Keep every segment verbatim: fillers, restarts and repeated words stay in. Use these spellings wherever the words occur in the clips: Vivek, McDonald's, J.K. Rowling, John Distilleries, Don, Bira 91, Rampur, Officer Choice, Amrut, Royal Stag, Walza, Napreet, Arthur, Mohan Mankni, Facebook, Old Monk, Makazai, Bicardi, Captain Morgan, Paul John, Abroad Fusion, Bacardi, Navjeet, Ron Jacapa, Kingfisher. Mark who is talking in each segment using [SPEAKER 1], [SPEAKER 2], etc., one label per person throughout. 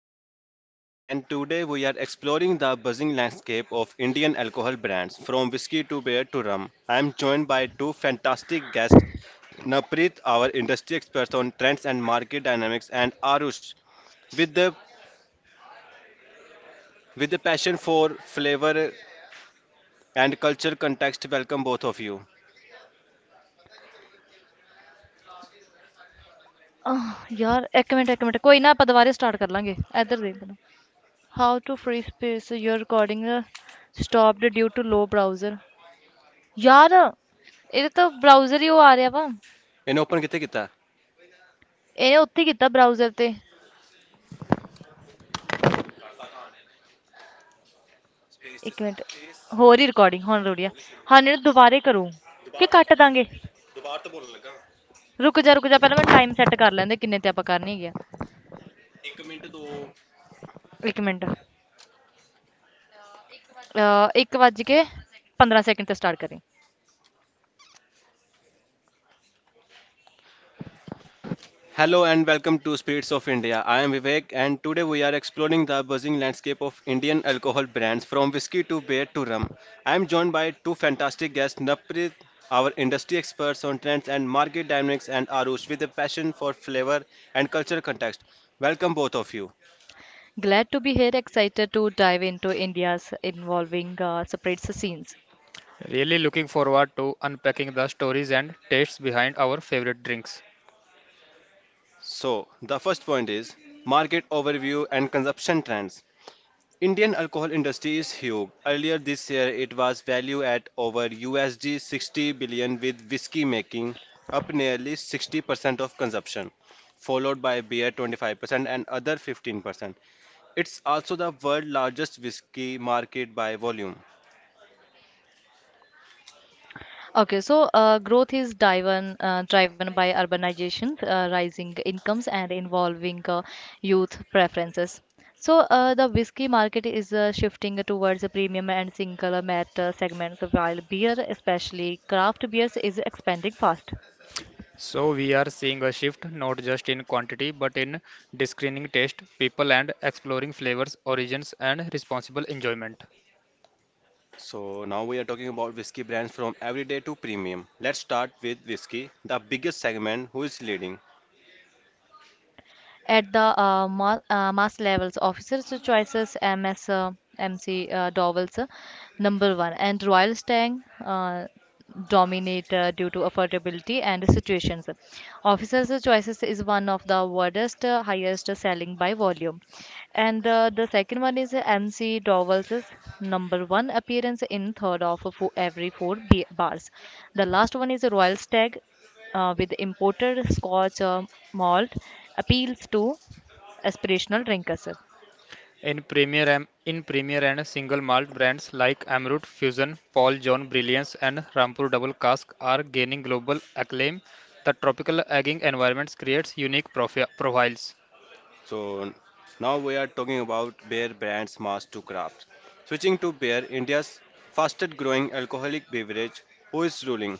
[SPEAKER 1] India. I am Vivek and today we are exploring the buzzing landscape of Indian alcohol brands from whiskey to beer to rum. I am joined by two fantastic guests, Napreet, our industry expert on trends and market dynamics, and Arush, with the with the passion for flavor and culture context. Welcome both of you.
[SPEAKER 2] ਆਹ ਯਾਰ, ਇੱਕ minute ਇੱਕ minute, ਕੋਈ ਨਾ ਆਪਾਂ ਦੁਬਾਰੇ start ਕਰ ਲਾਂਗੇ। ਇੱਧਰ ਦੇਖ ਪਹਿਲਾਂ, how to free space. Your recording stopped due to low browser. ਯਾਰ, ਇਹਦੇ ਤਾਂ ਬਰਾਊਜ਼ਰ ਹੀ ਉਹ ਆ ਰਿਹਾ ਵਾ।
[SPEAKER 1] इन्हें ओपन कितने किता?
[SPEAKER 2] ਇਹਨੇ ਉੱਥੇ ਹੀ ਕੀਤਾ ਬਰਾਊਜ਼ਰ ਤੇ। ਇੱਕ ਮਿੰਟ, ਹੋਰ ਹੀ ਰਿਕਾਰਡਿੰਗ ਹੁਣ ਰੁੜੀ ਆ। ਹਾਂ, ਇਹਨੂੰ ਦੁਬਾਰੇ ਕਰੋ, ਕਿ ਕੱਟ ਦਾਂਗੇ। ਰੁਕ ਜਾ ਰੁਕ ਜਾ, ਪਹਿਲਾਂ ਮੈਨੂੰ ਟਾਈਮ ਸੈੱਟ ਕਰ ਲੈਂਦੇ, ਕਿੰਨੇ ਤੇ ਆਪਾਂ ਕਰਨੀ ਹੈਗੀ ਆ। ਇੱਕ ਮਿੰਟ, ਅਹ ਇੱਕ ਵੱਜ ਕੇ ਪੰਦਰਾਂ ਸੈਕਿੰਡ ਤੇ ਸਟਾਰਟ ਕਰੀ।
[SPEAKER 1] Hello and welcome to Spirits of India. I am Vivek and today we are exploring the buzzing landscape of Indian alcohol brands from whiskey to beer to rum. I am joined by two fantastic guests, Naprit, our industry experts on trends and market dynamics, and Arush with a passion for flavor and cultural context. Welcome both of you.
[SPEAKER 2] Glad to be here, excited to dive into India's involving uh, separate scenes.
[SPEAKER 1] So, the first point is market overview and consumption trends. Indian alcohol industry is huge. Earlier this year, it was valued at over U S D sixty billion, with whiskey making up nearly sixty percent of consumption, followed by beer twenty-five percent and other fifteen percent. It's also the world's largest whiskey market by volume.
[SPEAKER 2] Okay, so uh, growth is driven uh, driven by urbanization, uh, rising incomes, and involving uh, youth preferences. So uh, the whiskey market is uh, shifting towards the premium and single malt uh, segments, while beer, especially craft beers, is expanding fast.
[SPEAKER 1] So now we are talking about whiskey brands from everyday to premium. Let's start with whiskey, the biggest segment who is leading.
[SPEAKER 2] at the uh, ma- uh, mass levels. Officers' choices M S, uh, M C uh, Dowell's uh, number one, and Royal Stang uh, dominate uh, due to affordability and situations. Officers' choices is one of the widest, uh, highest selling by volume. And uh, the second one is M C Dowell's number one appearance in third of fo every four b- bars. The last one is Royal Stag, uh, with imported Scotch uh, malt, appeals to aspirational drinkers.
[SPEAKER 1] So now we are talking about beer brands mass to craft. Switching to beer, India's fastest growing alcoholic beverage, who is ruling?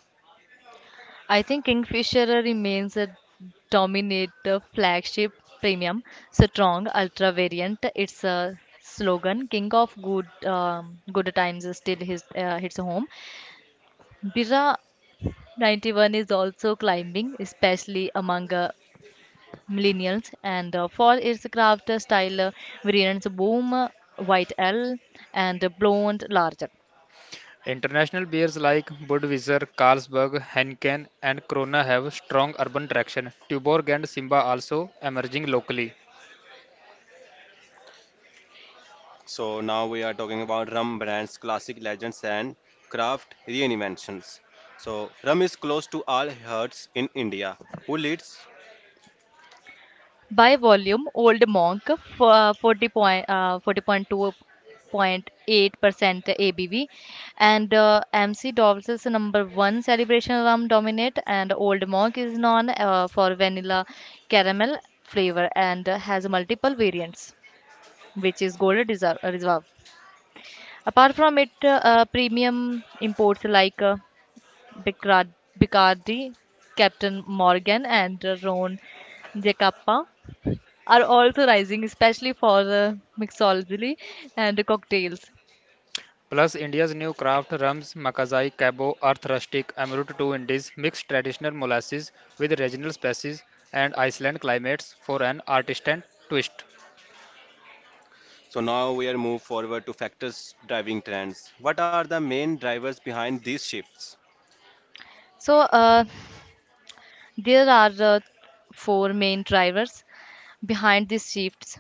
[SPEAKER 2] I think Kingfisher remains a dominate, the flagship premium strong ultra variant. Its a slogan "King of Good um, Good Times" is still, his uh, hits home. Bira ninety one is also climbing, especially among uh, millennials, and uh, for its craft style uh, variants, boom, uh, white L, and blonde larger.
[SPEAKER 1] So now we are talking about rum brands, classic legends, and craft reinventions. So rum is close to all hearts in India. Who leads?
[SPEAKER 2] By volume, Old Monk, f- uh, forty point, uh, forty point two point eight% A B V, and uh, M C Dolls is number one celebration rum dominate, and Old Monk is known uh, for vanilla caramel flavor and uh, has multiple variants, which is gold reserve. reserve. Apart from it, uh, uh, premium imports like uh, Bicard, Bicardi, Captain Morgan, and uh, Ron Jacapa are also rising, especially for uh, mixology and cocktails.
[SPEAKER 1] So now we are move forward to factors driving trends. What are the main drivers behind these shifts?
[SPEAKER 2] So, uh, there are uh, four main drivers behind these shifts.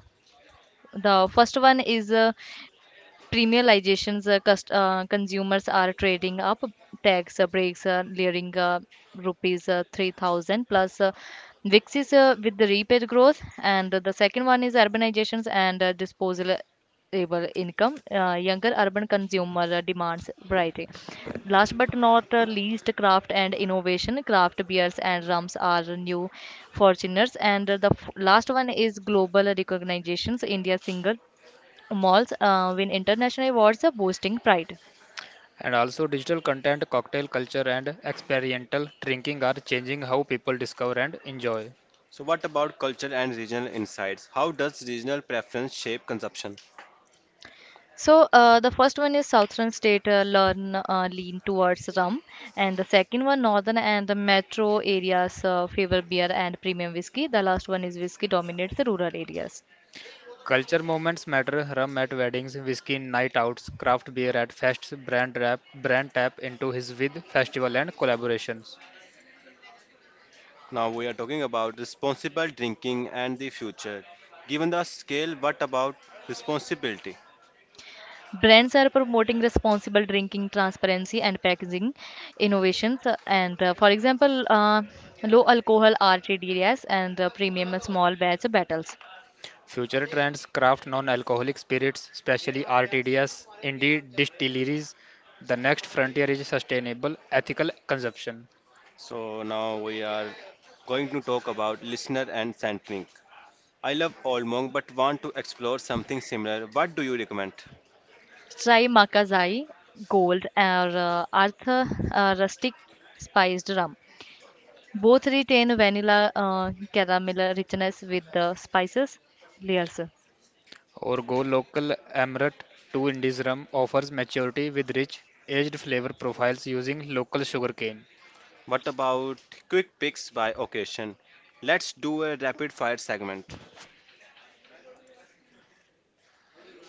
[SPEAKER 2] The first one is uh, premiumizations, uh, cust- uh, consumers are trading up. Tax uh, breaks, uh, layering uh, rupees uh, three thousand plus uh, V I X is uh, with the repaid growth. And the second one is urbanizations and uh, disposal able income, uh, younger urban consumer uh, demands variety. Last but not uh, least, craft and innovation, craft beers and rums are new fortuners. And uh, the f- last one is global recognitions, india single malls uh, win international awards, are boasting pride.
[SPEAKER 1] So what about culture and regional insights? How does regional preference shape consumption?
[SPEAKER 2] So uh, the first one is Southern State uh, learn uh, lean towards rum, and the second one, Northern and the metro areas, uh, favor beer and premium whiskey. The last one is whiskey dominates the rural areas.
[SPEAKER 1] Now we are talking about responsible drinking and the future. Given the scale, what about responsibility?
[SPEAKER 2] Brands are promoting responsible drinking, transparency, and packaging innovations. uh, And uh, for example, uh, low alcohol R T Ds and uh, premium small batch battles.
[SPEAKER 1] So now we are going to talk about listener and centering. I love Olmong but want to explore something similar. What do you recommend?
[SPEAKER 2] Try Makazai Gold, or uh, Arthur uh, Rustic Spiced Rum. Both retain vanilla uh, caramel richness with the spices layers.
[SPEAKER 1] What about quick picks by occasion? Let's do a rapid fire segment.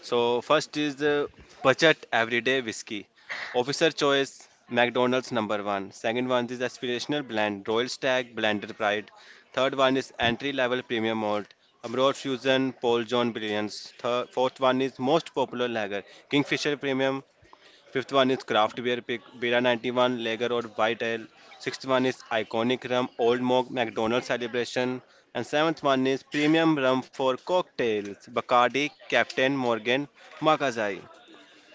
[SPEAKER 1] So first is the budget everyday whiskey. Officer choice McDonald's number one. Second one is aspirational blend Royal Stag Blended Pride. Third one is entry level premium malt Abroad Fusion Paul John Brilliance. Third, fourth one is most popular lager Kingfisher Premium. Fifth one is craft beer pick, Bira ninety-one, Lager or White Ale. Sixth one is iconic rum, Old Mock, McDonald's celebration. And seventh one is premium rum for cocktails, Bacardi, Captain Morgan, Makazai.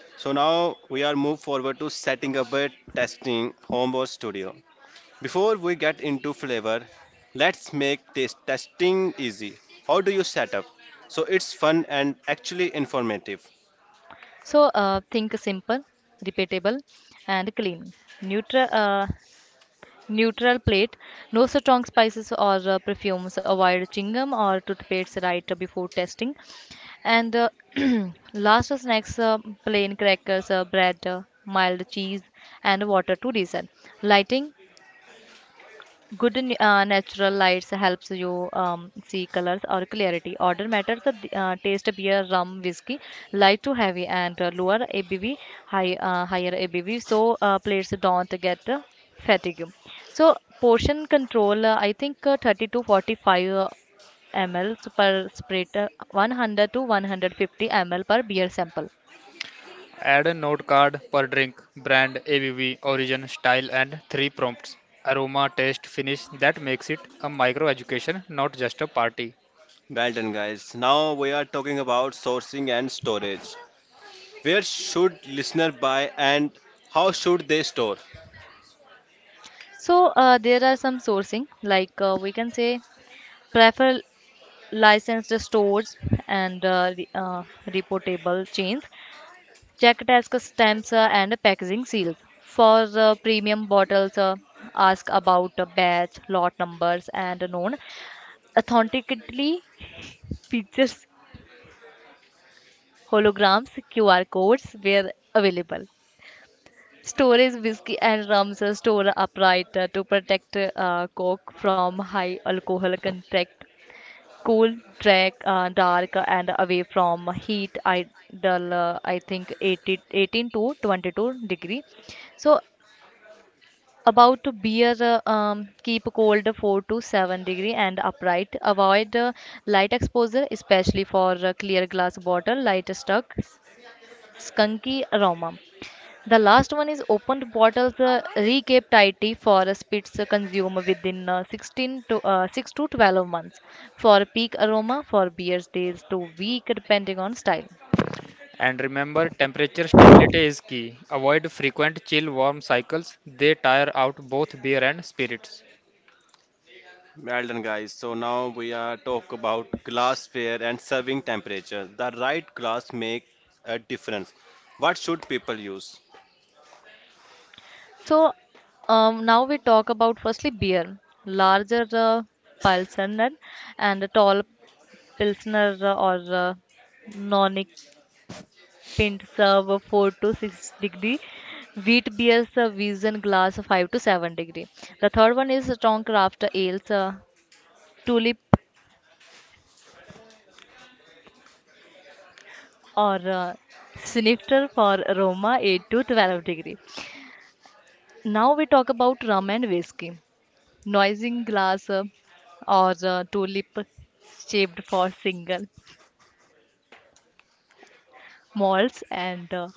[SPEAKER 1] So now we are move forward to setting up a testing home or studio. Before we get into flavor, let's make this testing easy. How do you set up? So it's fun and actually informative.
[SPEAKER 2] So uh, think simple, repeatable, and clean. Neutral. Uh, neutral plate. No strong spices or uh, perfumes. Avoid chewing gum or toothpaste right before testing. And uh, last snacks: uh, plain crackers, uh, bread, uh, mild cheese, and water to reason. Lighting good, n- uh, natural lights helps you um, see colors or clarity. Order matters, uh, d- uh, taste beer, rum, whiskey, light to heavy, and uh, lower abv high uh, higher abv so uh, players don't get uh, fatigue. So portion control, uh, i think uh, thirty to forty five uh, ml per sprit, uh, one hundred to one hundred fifty milliliters per beer sample.
[SPEAKER 1] Well done, guys. Now we are talking about sourcing and storage. Where should listener buy and how should they store?
[SPEAKER 2] So uh, there are some sourcing, like uh, we can say prefer licensed stores and uh, re- uh, reportable chains. Check desk stamps uh, and packaging seals. For the premium bottles, uh, ask about uh, batch, lot numbers, and known authentically features, holograms, Q R codes where available. Storage, whiskey and rums are stored upright uh, to protect uh, Coke from high alcohol content. Cool trek, uh, dark and away from heat. Ideal, uh, I think eighty, eighteen to twenty two degree. So about to beer, uh, um, keep cold four to seven degree and upright. Avoid uh, light exposure, especially for uh, clear glass bottle. Light stuck, skunky aroma. The last one is opened bottles, uh, recape tighty, for a spits uh, consumed within uh, sixteen to uh, six to twelve months for peak aroma, for beers days to week depending on style.
[SPEAKER 1] Well done, guys. So now we are talk about glassware and serving temperature. The right glass make a difference. What should people use?
[SPEAKER 2] So um, now we talk about, firstly, beer, larger uh, pilsner and a tall pilsner uh, or uh, nonic pint, serve of four to six degree. Wheat beers, uh, vision glass, of five to seven degree. The third one is strong craft ales, Uh, tulip or uh, snifter for Roma, eight to twelve degree. Now we talk about rum and whiskey. Noising glass uh, or uh, tulip shaped for single malts, and uh,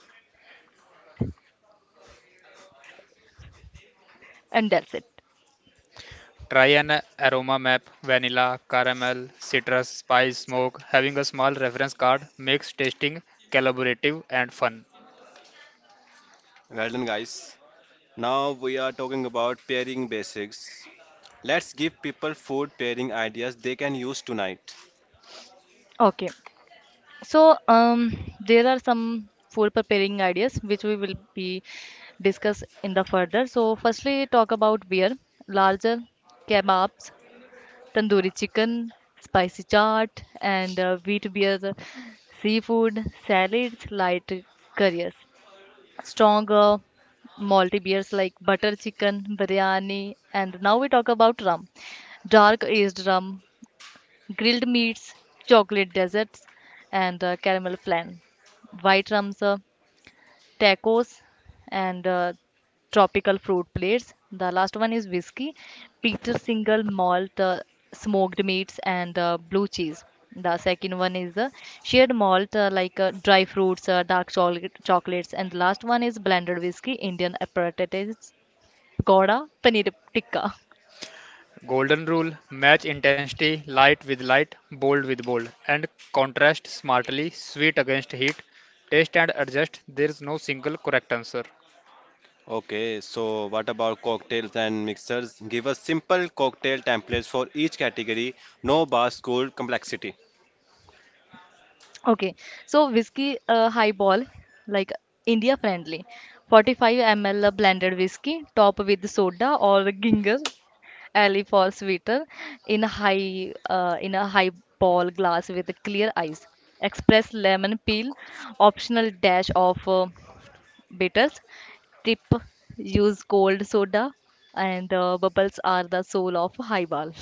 [SPEAKER 2] and that's it.
[SPEAKER 1] Well done, guys. Now we are talking about pairing basics. Let's give people food pairing ideas they can use tonight.
[SPEAKER 2] Okay. So um, there are some food preparing ideas which we will be discuss in the further. So, firstly, talk about beer, larger, kebabs, tandoori chicken, spicy chaat, and uh, wheat beer, seafood, salads, light curries, stronger malty beers like butter chicken, biryani. And now we talk about rum, dark aged rum, grilled meats, chocolate desserts, and uh, caramel flan, white rums, uh, tacos, and uh, tropical fruit plates. The last one is whiskey, Peter single malt, uh, smoked meats, and uh, blue cheese. The second one is the shared malt, uh, like uh, dry fruits, uh, dark chocolate, chocolates, and the last one is blended whiskey, Indian aperitifs, pakoda, paneer tikka.
[SPEAKER 1] Okay, so what about cocktails and mixers? Give us simple cocktail templates for each category, no bar school complexity.
[SPEAKER 2] Okay, so whiskey uh, highball, like India friendly, forty five milliliters blended whiskey, top with soda or ginger ale for sweeter, in a high uh, in a highball glass with clear ice, express lemon peel, optional dash of uh, bitters. Tip: use cold soda, and uh, bubbles are the soul of highball.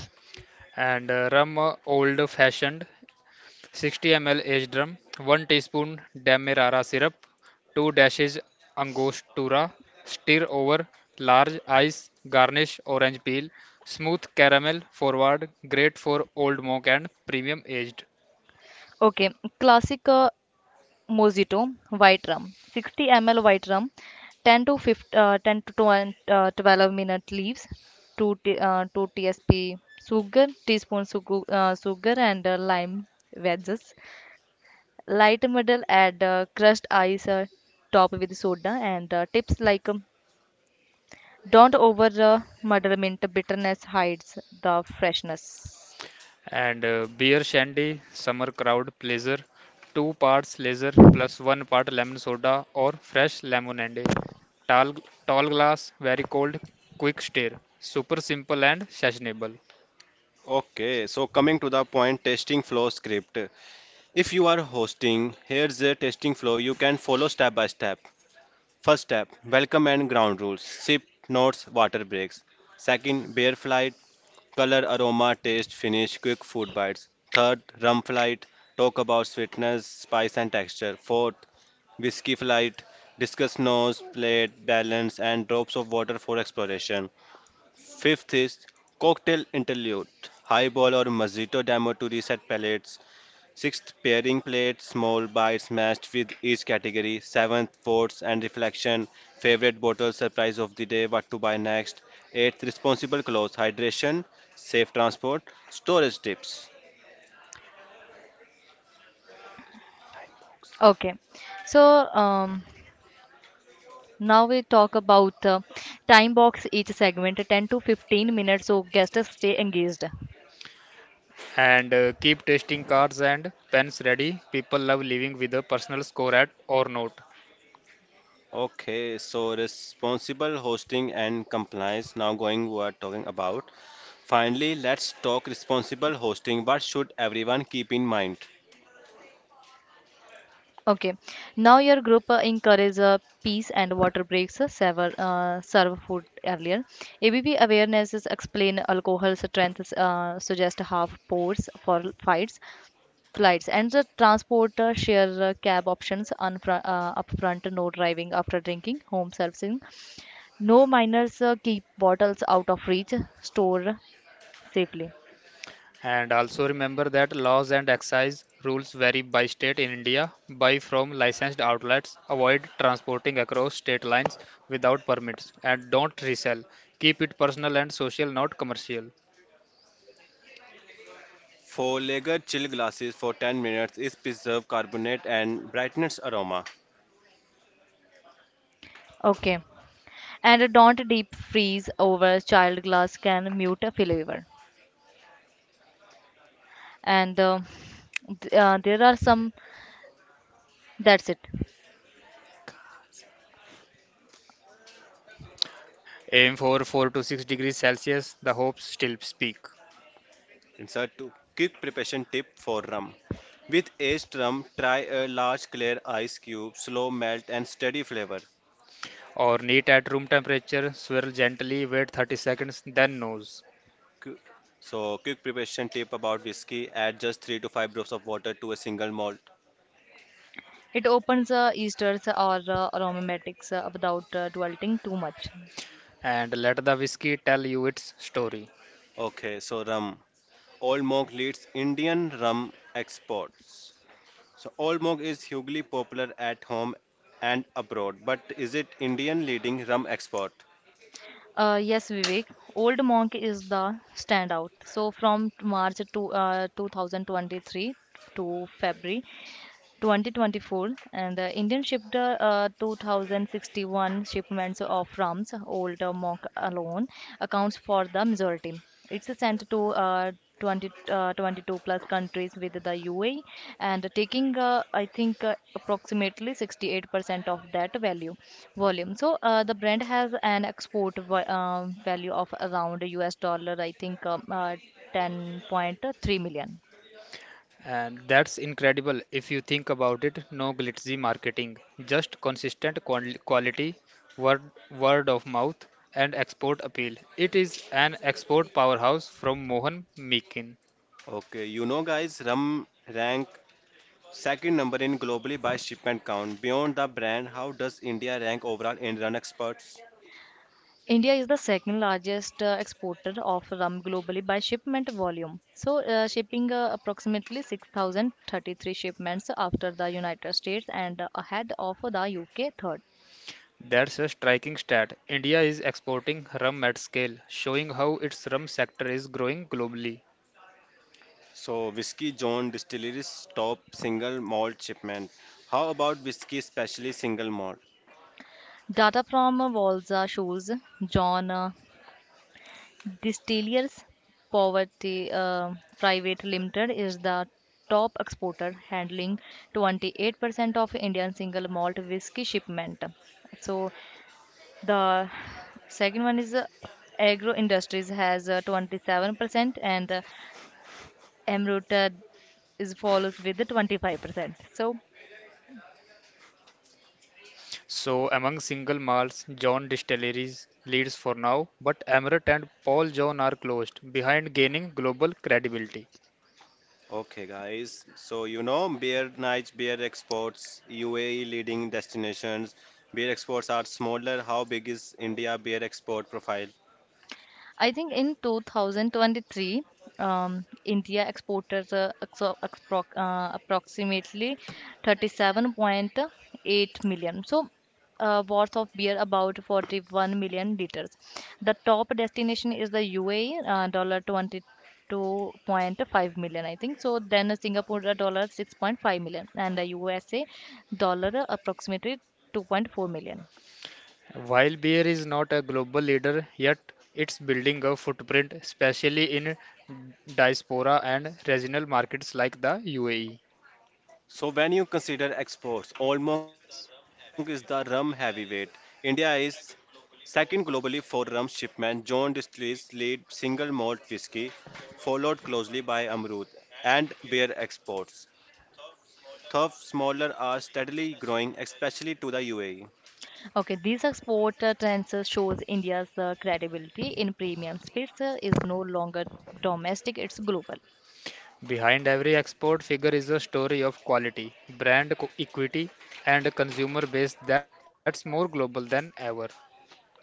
[SPEAKER 2] Okay, classic uh, Mojito, white rum, sixty milliliters white rum, ten to fifteen, uh, ten to twelve, uh, twelve minute leaves, two, t- uh, two tsp sugar, teaspoon sugar, uh, sugar, and uh, lime wedges. Light middle, add uh, crushed ice, uh, top with soda. And uh, tips like, um, don't over uh, muddle, mint bitterness hides the freshness.
[SPEAKER 1] Okay, so coming to the point, testing flow script. If you are hosting, here's the testing flow you can follow step by step. First step, welcome and ground rules, sip, notes, water breaks. Second, beer flight, color, aroma, taste, finish, quick food bites. Third, rum flight, talk about sweetness, spice, and texture. Fourth, whiskey flight, discuss nose, plate, balance, and drops of water for exploration. Fifth is cocktail interlude, highball or mojito demo to reset palates. Sixth, pairing plate, small bites matched with each category. Seventh, votes and reflection, favorite bottle, surprise of the day, what to buy next. Eighth, responsible clothes, hydration, safe transport, storage tips.
[SPEAKER 2] Okay, so um, Now we talk about, uh, time box each segment ten to fifteen minutes so guests stay engaged.
[SPEAKER 1] Okay, so responsible hosting and compliance. Now going, we are talking about. Finally, let's talk responsible hosting. What should everyone keep in mind?
[SPEAKER 2] Okay. Now your group, uh, encourage uh, peace and water breaks, uh, server, uh, serve food earlier. A B V awarenesses, explain alcohol strengths, uh, suggest half pours for fights, flights. And the transport, uh, share uh, cab options on fr- uh, upfront, no driving after drinking, home servicing. No minors, uh, keep bottles out of reach. Store safely.
[SPEAKER 1] Four lager chill glasses for ten minutes is preserved carbonate and brightens aroma.
[SPEAKER 2] Okay. And don't deep freeze, over child glass can mute a flavor. And uh, th- uh, there are some, that's it.
[SPEAKER 1] Insert two quick preparation tip for rum. With aged rum, try a large clear ice cube, slow melt and steady flavor. Qu- So, quick preparation tip about whiskey. Add just three to five drops of water to a single malt.
[SPEAKER 2] It opens uh, esters or uh, aromatics uh, without uh, dwelling too much.
[SPEAKER 1] Okay, so rum. Old Monk leads Indian rum exports. So Old Monk is hugely popular at home and abroad, but is it Indian leading rum export?
[SPEAKER 2] Uh, yes, Vivek, Old Monk is the standout. So from March to uh, two thousand twenty three to February twenty twenty four, and the Indian shipped uh, two thousand sixty one shipments of rums. Old uh, mock alone accounts for the majority. It's sent to uh, twenty, uh, twenty two plus countries, with the U A E and taking, uh, I think uh, approximately sixty eight percent of that value volume. So uh, the brand has an export va- uh, value of around U S dollar, I think, um, uh, ten point three million.
[SPEAKER 1] Okay, you know guys, rum rank second number in globally by shipment count. Beyond the brand, how does India rank overall in rum exports?
[SPEAKER 2] India is the second largest uh, exporter of rum globally by shipment volume. So, uh, shipping uh, approximately six thousand thirty three shipments, after the United States and uh, ahead of the U K third.
[SPEAKER 1] So Whiskey John Distilleries top single malt shipment. How about Whiskey Specially Single Malt?
[SPEAKER 2] Data from uh, Walza shows John uh, Distillers Poverty uh, Private Limited is the top exporter, handling twenty eight percent of Indian single malt whiskey shipment. So the second one is uh, agro industries, has uh, twenty seven percent, and uh, Amrut uh, is follows with the twenty five percent. So
[SPEAKER 1] Okay, guys. So, you know, beer nights, beer exports, U A E leading destinations. Beer exports are smaller. How big is India beer export profile?
[SPEAKER 2] I think in twenty twenty three, um, India exported uh, exo- expro- uh, approximately thirty seven point eight million, so uh, worth of beer, about forty one million liters. The top destination is the U A E, uh, dollar twenty two point five million, I think. So then Singapore, uh, dollar six point five million, and the U S A, dollar uh, approximately two point four million.
[SPEAKER 1] So, when you consider exports, Old Monk is the rum heavyweight. India is second globally for rum shipment. John Distilleries lead single malt whiskey, followed closely by Amrut and beer exports. Though smaller are steadily growing, especially to the U A E.
[SPEAKER 2] Okay, these export uh, trends uh, shows India's uh, credibility in premium space uh, is no longer domestic, it's global.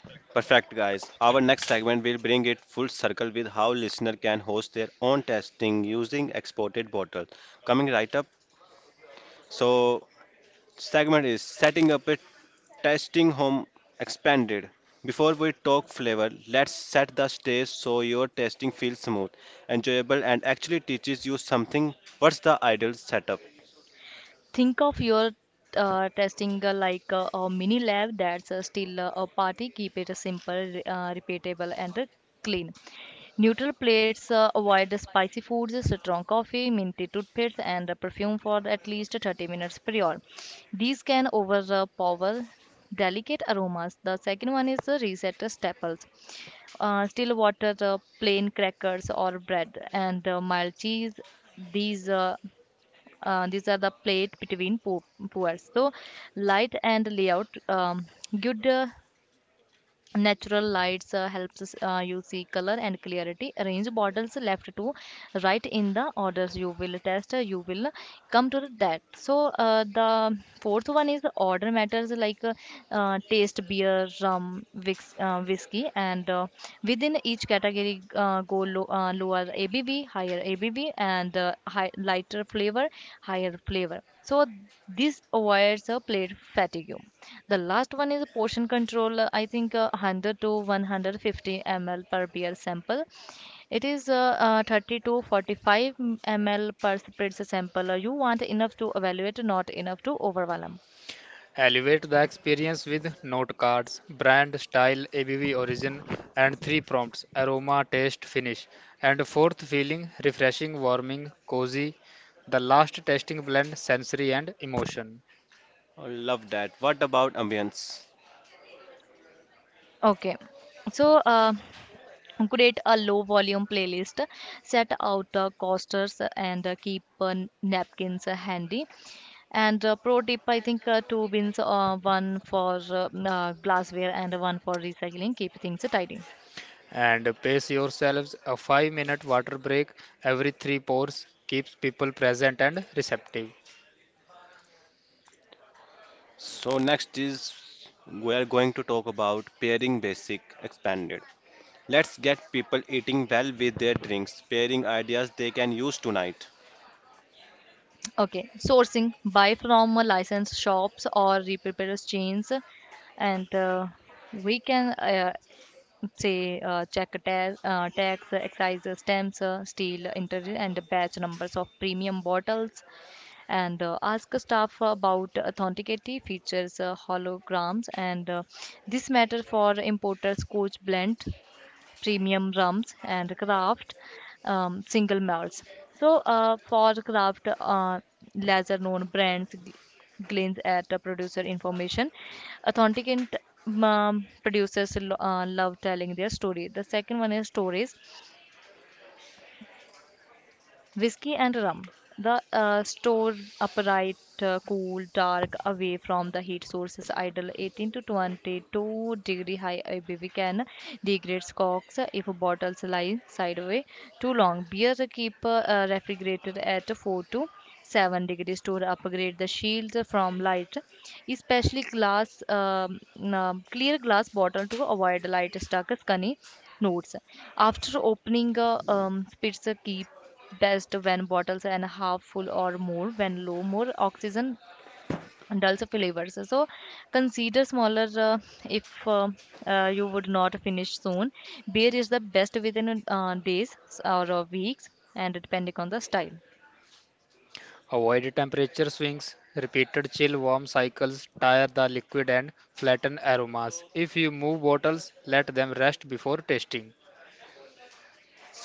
[SPEAKER 1] Perfect, guys. Our next segment will bring it full circle with how listener can host their own testing using exported bottles. Coming right up. So, segment is setting up a testing home expanded. Before we talk flavor, let's set the stage so your testing feels smooth, enjoyable, and actually teaches you something. What's the ideal setup?
[SPEAKER 2] think of your uh, testing uh, like uh, a mini lab that's uh, still uh, a party. Keep it simple, uh, repeatable, and uh, clean. Neutral plates, uh, avoid the spicy foods, strong coffee, minty toothpaste, and uh, perfume for at least thirty minutes prior, these can overpower delicate aromas. The second one is the reset the staples, uh, still water, the plain crackers or bread, and uh, mild cheese. These uh, uh, these are the plate between po- pours. So light and layout, um, good, uh, natural lights uh, helps us, uh, you see color and clarity. Arrange bottles left to right in the orders you will test. Uh, you will come to that. So uh, the fourth one is order matters. Like uh, uh, taste beer, rum, whis- uh, whiskey, and uh, within each category, uh, go low, uh, lower ABV, higher ABV, and uh, high, lighter flavor, higher flavor. So this avoids a plate fatigue. The last one is portion control. uh, I think uh, one hundred to one hundred fifty milliliters per beer sample. It is uh, uh, thirty to forty-five milliliters per spritz sample. Uh, You want enough to evaluate, not enough to overwhelm.
[SPEAKER 1] I love that. What about ambience?
[SPEAKER 2] Okay. So, uh, create a low volume playlist. Set out uh, coasters and uh, keep uh, napkins uh, handy. And uh, Pro tip, I think uh, two bins, uh, one for uh, uh, glassware and one for recycling, keep things tidy.
[SPEAKER 1] So next is we are going to talk about pairing basic expanded. Let's get people eating well with their drinks, pairing ideas they can use tonight.
[SPEAKER 2] Okay, sourcing. Buy from a licensed shops or repairers chains, and uh, we can uh, say uh, check tax, uh, tax, excise, stamps, uh, steel, interior, and batch numbers of premium bottles, and uh, ask staff about authenticity features, uh, holograms, and uh, this matter for importers, Coach Blend, premium rums and craft um, single malts. So, uh, for craft, uh, lesser known brands, gl- glance at the producer information. Authentic and um, producers lo- uh, love telling their story. The second one is stories. Whiskey and rum. The uh, store upright, uh, cool, dark, away from the heat sources, ideal eighteen to twenty-two degree. High A B V can degrade corks if bottles lie sideways too long. Beer, keep uh, uh, refrigerated at four to seven degree. Store upgrade the shield from light, especially glass, um, um, clear glass bottle to avoid light stuck skinny notes. After opening a um, pizza, keep best when bottles and half full or more. When low, more oxygen dulls flavors, so consider smaller uh, if uh, uh, you would not finish soon. Beer is the best within uh, days or uh, weeks, and depending on the style.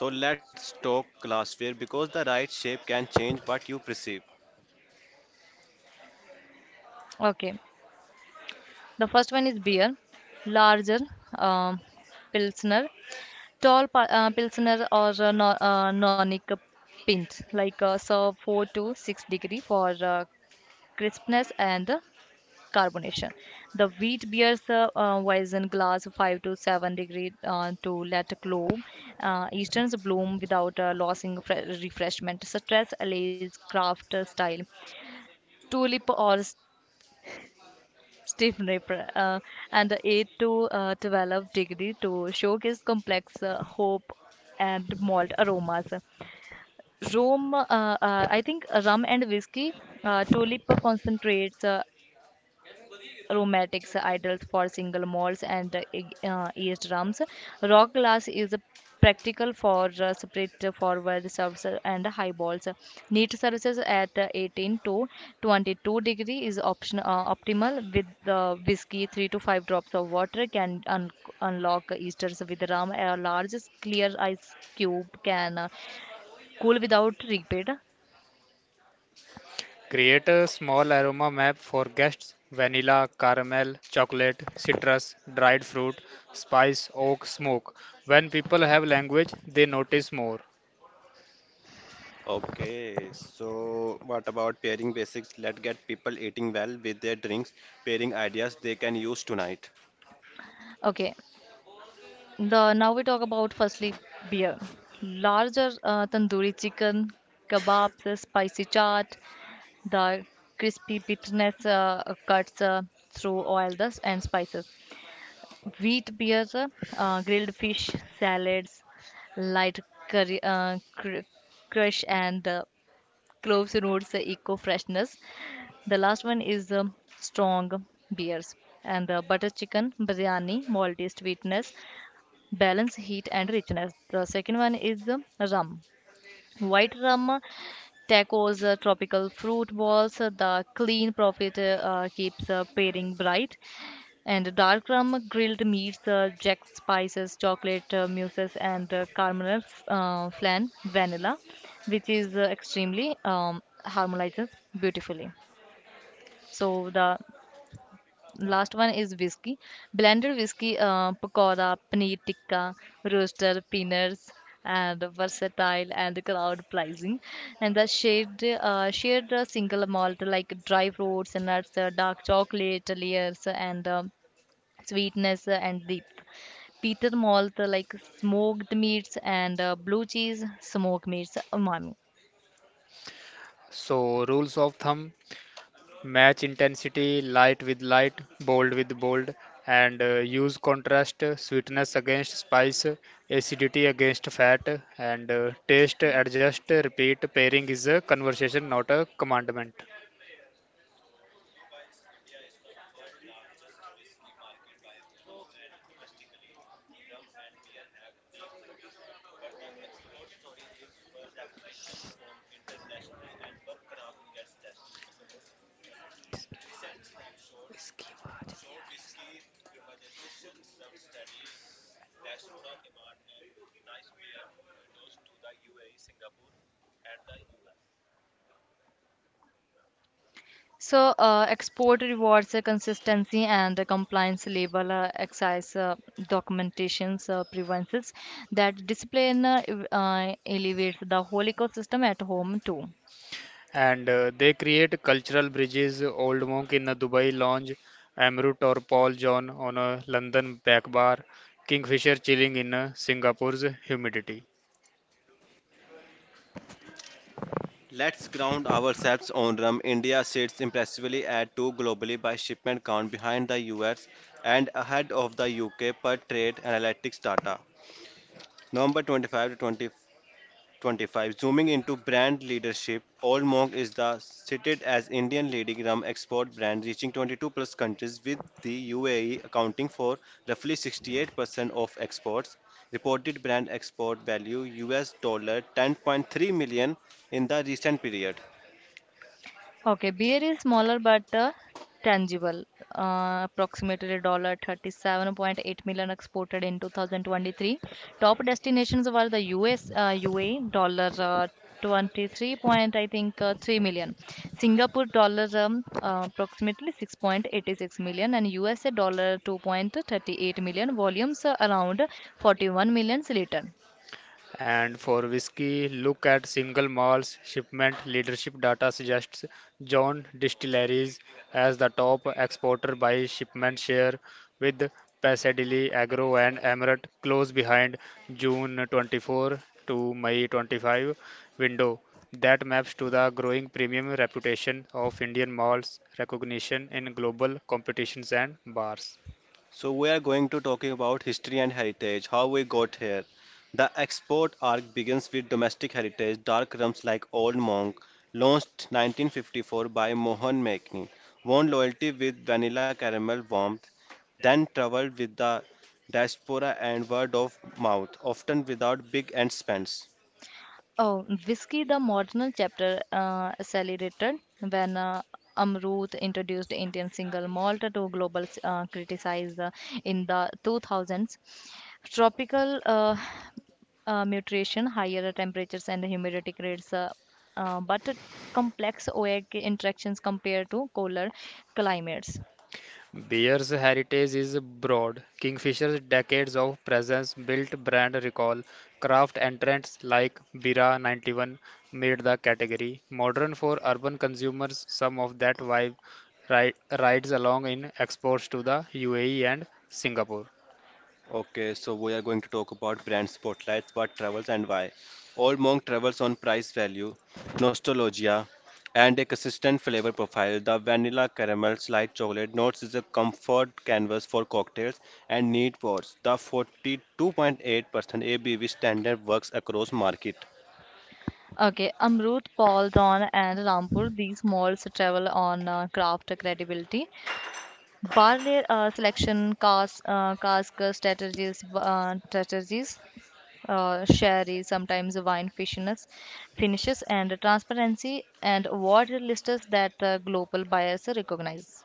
[SPEAKER 1] So let's talk glassware because the right shape can change what you perceive.
[SPEAKER 2] Okay, the first one is beer. Larger, um, pilsner, tall pa- uh, pilsner, or uh, no, uh, nonic pint. Like uh, serve four to six degree for uh, crispness and carbonation. The wheat bears the uh, Weizen glass, five to seven degree uh, to let glow. Uh, Easterns bloom without uh, losing fre- refreshment. Stress allays craft uh, style. Tulip or s- stiff nipper, uh, and eight to uh, twelve degree to showcase complex uh, hope and malt aromas. Rome, uh, uh, I think rum and whiskey. Uh, tulip concentrates uh, rheumatics, ideal for single malts and uh, e- uh, eardrums. Rock glass is practical for uh, split forward serves and high balls. Neat services at uh, eighteen to twenty-two degree is option uh, optimal. With the whiskey, three to five drops of water can un- unlock easters. With rum, a large clear ice cube can uh, cool without repeat.
[SPEAKER 1] Okay, so what about pairing basics? Let's get people eating well with their drinks, pairing ideas they can use tonight.
[SPEAKER 2] Okay, The, now we talk about firstly beer. Larger, uh, tandoori chicken, kebabs, uh, spicy chaat, the crispy bitterness uh, cuts uh, through oil dust and spices. Wheat beer, uh, uh, grilled fish, salads, light curry, uh, cr- crush, and uh, cloves roots uh, eco freshness. The last one is um, strong beers and uh, butter chicken, biryani, malty sweetness, balance heat and richness. The second one is the rum. White rum, uh, tacos, uh, tropical fruit balls, uh, the clean profit uh, uh, keeps uh, pairing bright. And dark rum, grilled meats, uh, jack spices, chocolate uh, mousses, and uh, caramel uh, flan, vanilla, which is uh, extremely um, harmonizes beautifully. So the last one is whiskey. Blended whiskey, uh, pakora, paneer tikka, roaster, peanuts, and versatile and crowd pleasing. And the shade, uh, shared uh, single malt like dry fruits and nuts, uh, dark chocolate layers, and um, sweetness and depth. Peter malt like smoked meats and uh, blue cheese, smoked meats, umami. So, uh, export rewards uh, consistency and uh, compliance label, uh, excise uh, documentations, uh, preventions, that discipline uh, ev- uh, elevates the whole ecosystem at home too.
[SPEAKER 1] Let's ground ourselves on rum. India sits impressively at two globally by shipment count behind the U S and ahead of the U K per trade analytics data. November twenty-fifth to twenty twenty-five. Zooming into brand leadership, Old Monk is the cited as Indian leading rum export brand, reaching twenty-two plus countries, with the U A E accounting for roughly sixty-eight percent of exports. Reported brand export value U S dollar ten point three million in the recent period.
[SPEAKER 2] Okay, beer is smaller but uh, tangible. Uh, approximately dollar thirty-seven point eight million exported in two thousand twenty-three. Top destinations were the U S, uh, U A E dollar uh, twenty-three point I think uh, three million, Singapore dollar um, uh, approximately six point eight six million, and U S A dollar two point three eight million. Volumes uh, around forty-one million liter.
[SPEAKER 1] So we are going to talking about history and heritage, how we got here. The export arc begins with domestic heritage, dark rums like Old Monk, launched nineteen fifty-four by Mohan Mankni, won loyalty with vanilla caramel warmth, then traveled with the diaspora and word of mouth, often without big end spends.
[SPEAKER 2] Oh, whiskey, the marginal chapter uh, accelerated when uh, Amrut introduced Indian single malt to global uh, criticize uh, in the two thousands. Tropical uh, uh, mutation, higher temperatures and humidity creates uh, uh, but complex OAK interactions compared to cooler climates.
[SPEAKER 1] Okay, so we are going to talk about brand spotlights, what travels and why. Old Monk travels on price value, nostalgia, and a consistent flavor profile. The vanilla caramel slight chocolate notes is a comfort canvas for cocktails and neat pours. The forty-two point eight percent A B V standard works across market.
[SPEAKER 2] Okay, Amrut, Paul, Don, and Rampur, these malls travel on uh, craft credibility. Barley uh, selection, cask, uh, cask strategies, uh, strategies, uh, sherry, sometimes wine finishes, finishes, and transparency, and award lists that uh, global buyers recognize.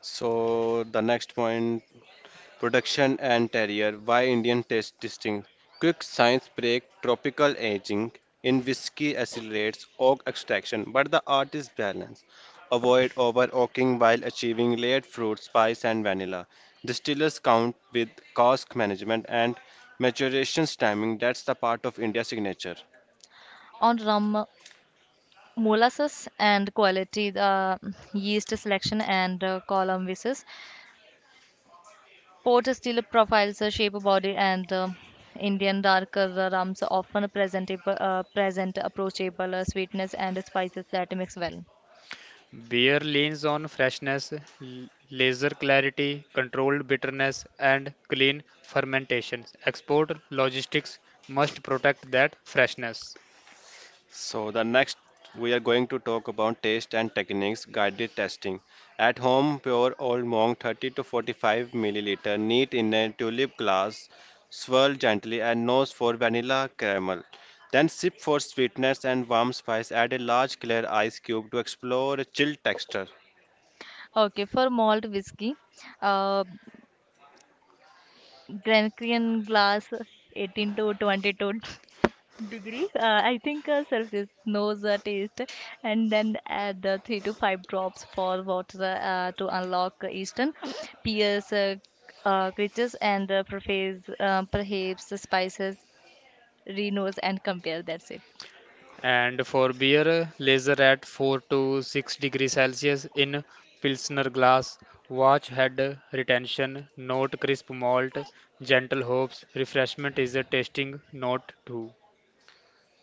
[SPEAKER 1] So the next point, production and terrier, why Indian taste distinct, quick science break, tropical aging in whiskey accelerates oak extraction, but the art is balance. Avoid over oaking while achieving layered fruit, spice, and vanilla. Distillers count with cask management and maturation timing that's the part of India's signature.
[SPEAKER 2] On rum, molasses and quality, uh, yeast selection and uh, column visits, port still profiles, uh, shape body, and uh, Indian darker rums often present, uh, present approachable uh, sweetness and spices that mix well.
[SPEAKER 1] So the next we are going to talk about taste and techniques guided testing. At home, pure old monk thirty to forty-five milliliter, neat in a tulip glass, swirl gently and nose for vanilla caramel. Then sip for sweetness and warm spice. Add a large clear ice cube to explore a chill texture.
[SPEAKER 2] Okay, for malt whiskey, uh, Grenadian glass, eighteen to twenty-two degree, uh, I think uh, Celsius knows the taste, and then add the three to five drops for water uh, to unlock Eastern peers, uh, uh, creatures, and uh, perhaps, uh, perhaps the spices, renose, and compare. That's it.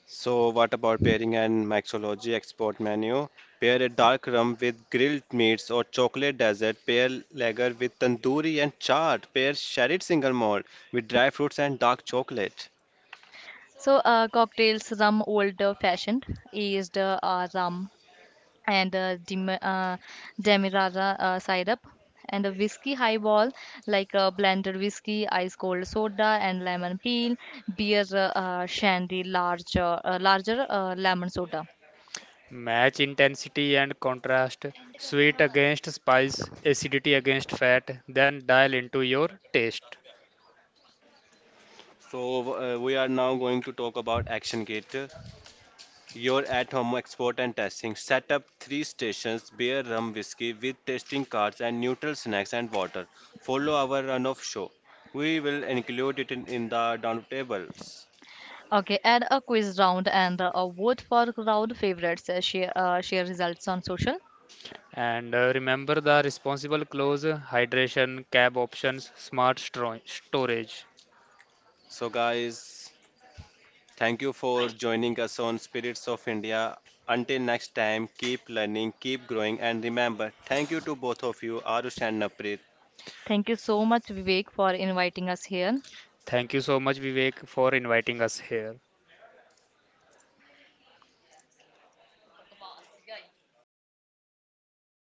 [SPEAKER 1] So, what about pairing and mixology export menu? Pair a dark rum with grilled meats or chocolate dessert. Pair lager with tandoori and chaat. Pair sherried single malt with dry fruits and dark chocolate.
[SPEAKER 2] So, uh, cocktails. Rum, old fashioned, aged uh, rum and uh, dem- uh, demerara uh, syrup. And a whiskey highball, like uh, blended whiskey, ice cold soda and lemon peel. Beer, uh, uh, shandy, larger uh, uh, larger uh, lemon soda.
[SPEAKER 1] So, uh, we are now going to talk about Action Kit. Your at home export and testing. Set up three stations, beer, rum, whiskey with tasting cards and neutral snacks and water. Follow our run of show. We will include it in, in the down tables.
[SPEAKER 2] Okay, and a quiz round and a vote for crowd favorites. Uh, share uh, share results on social.
[SPEAKER 1] So, guys. Thank you for joining us on Spirits of India. Until next time, keep learning, keep growing, and remember, thank you to both of you, Arush and Naprit.
[SPEAKER 2] Thank you so much, Vivek, for inviting us here.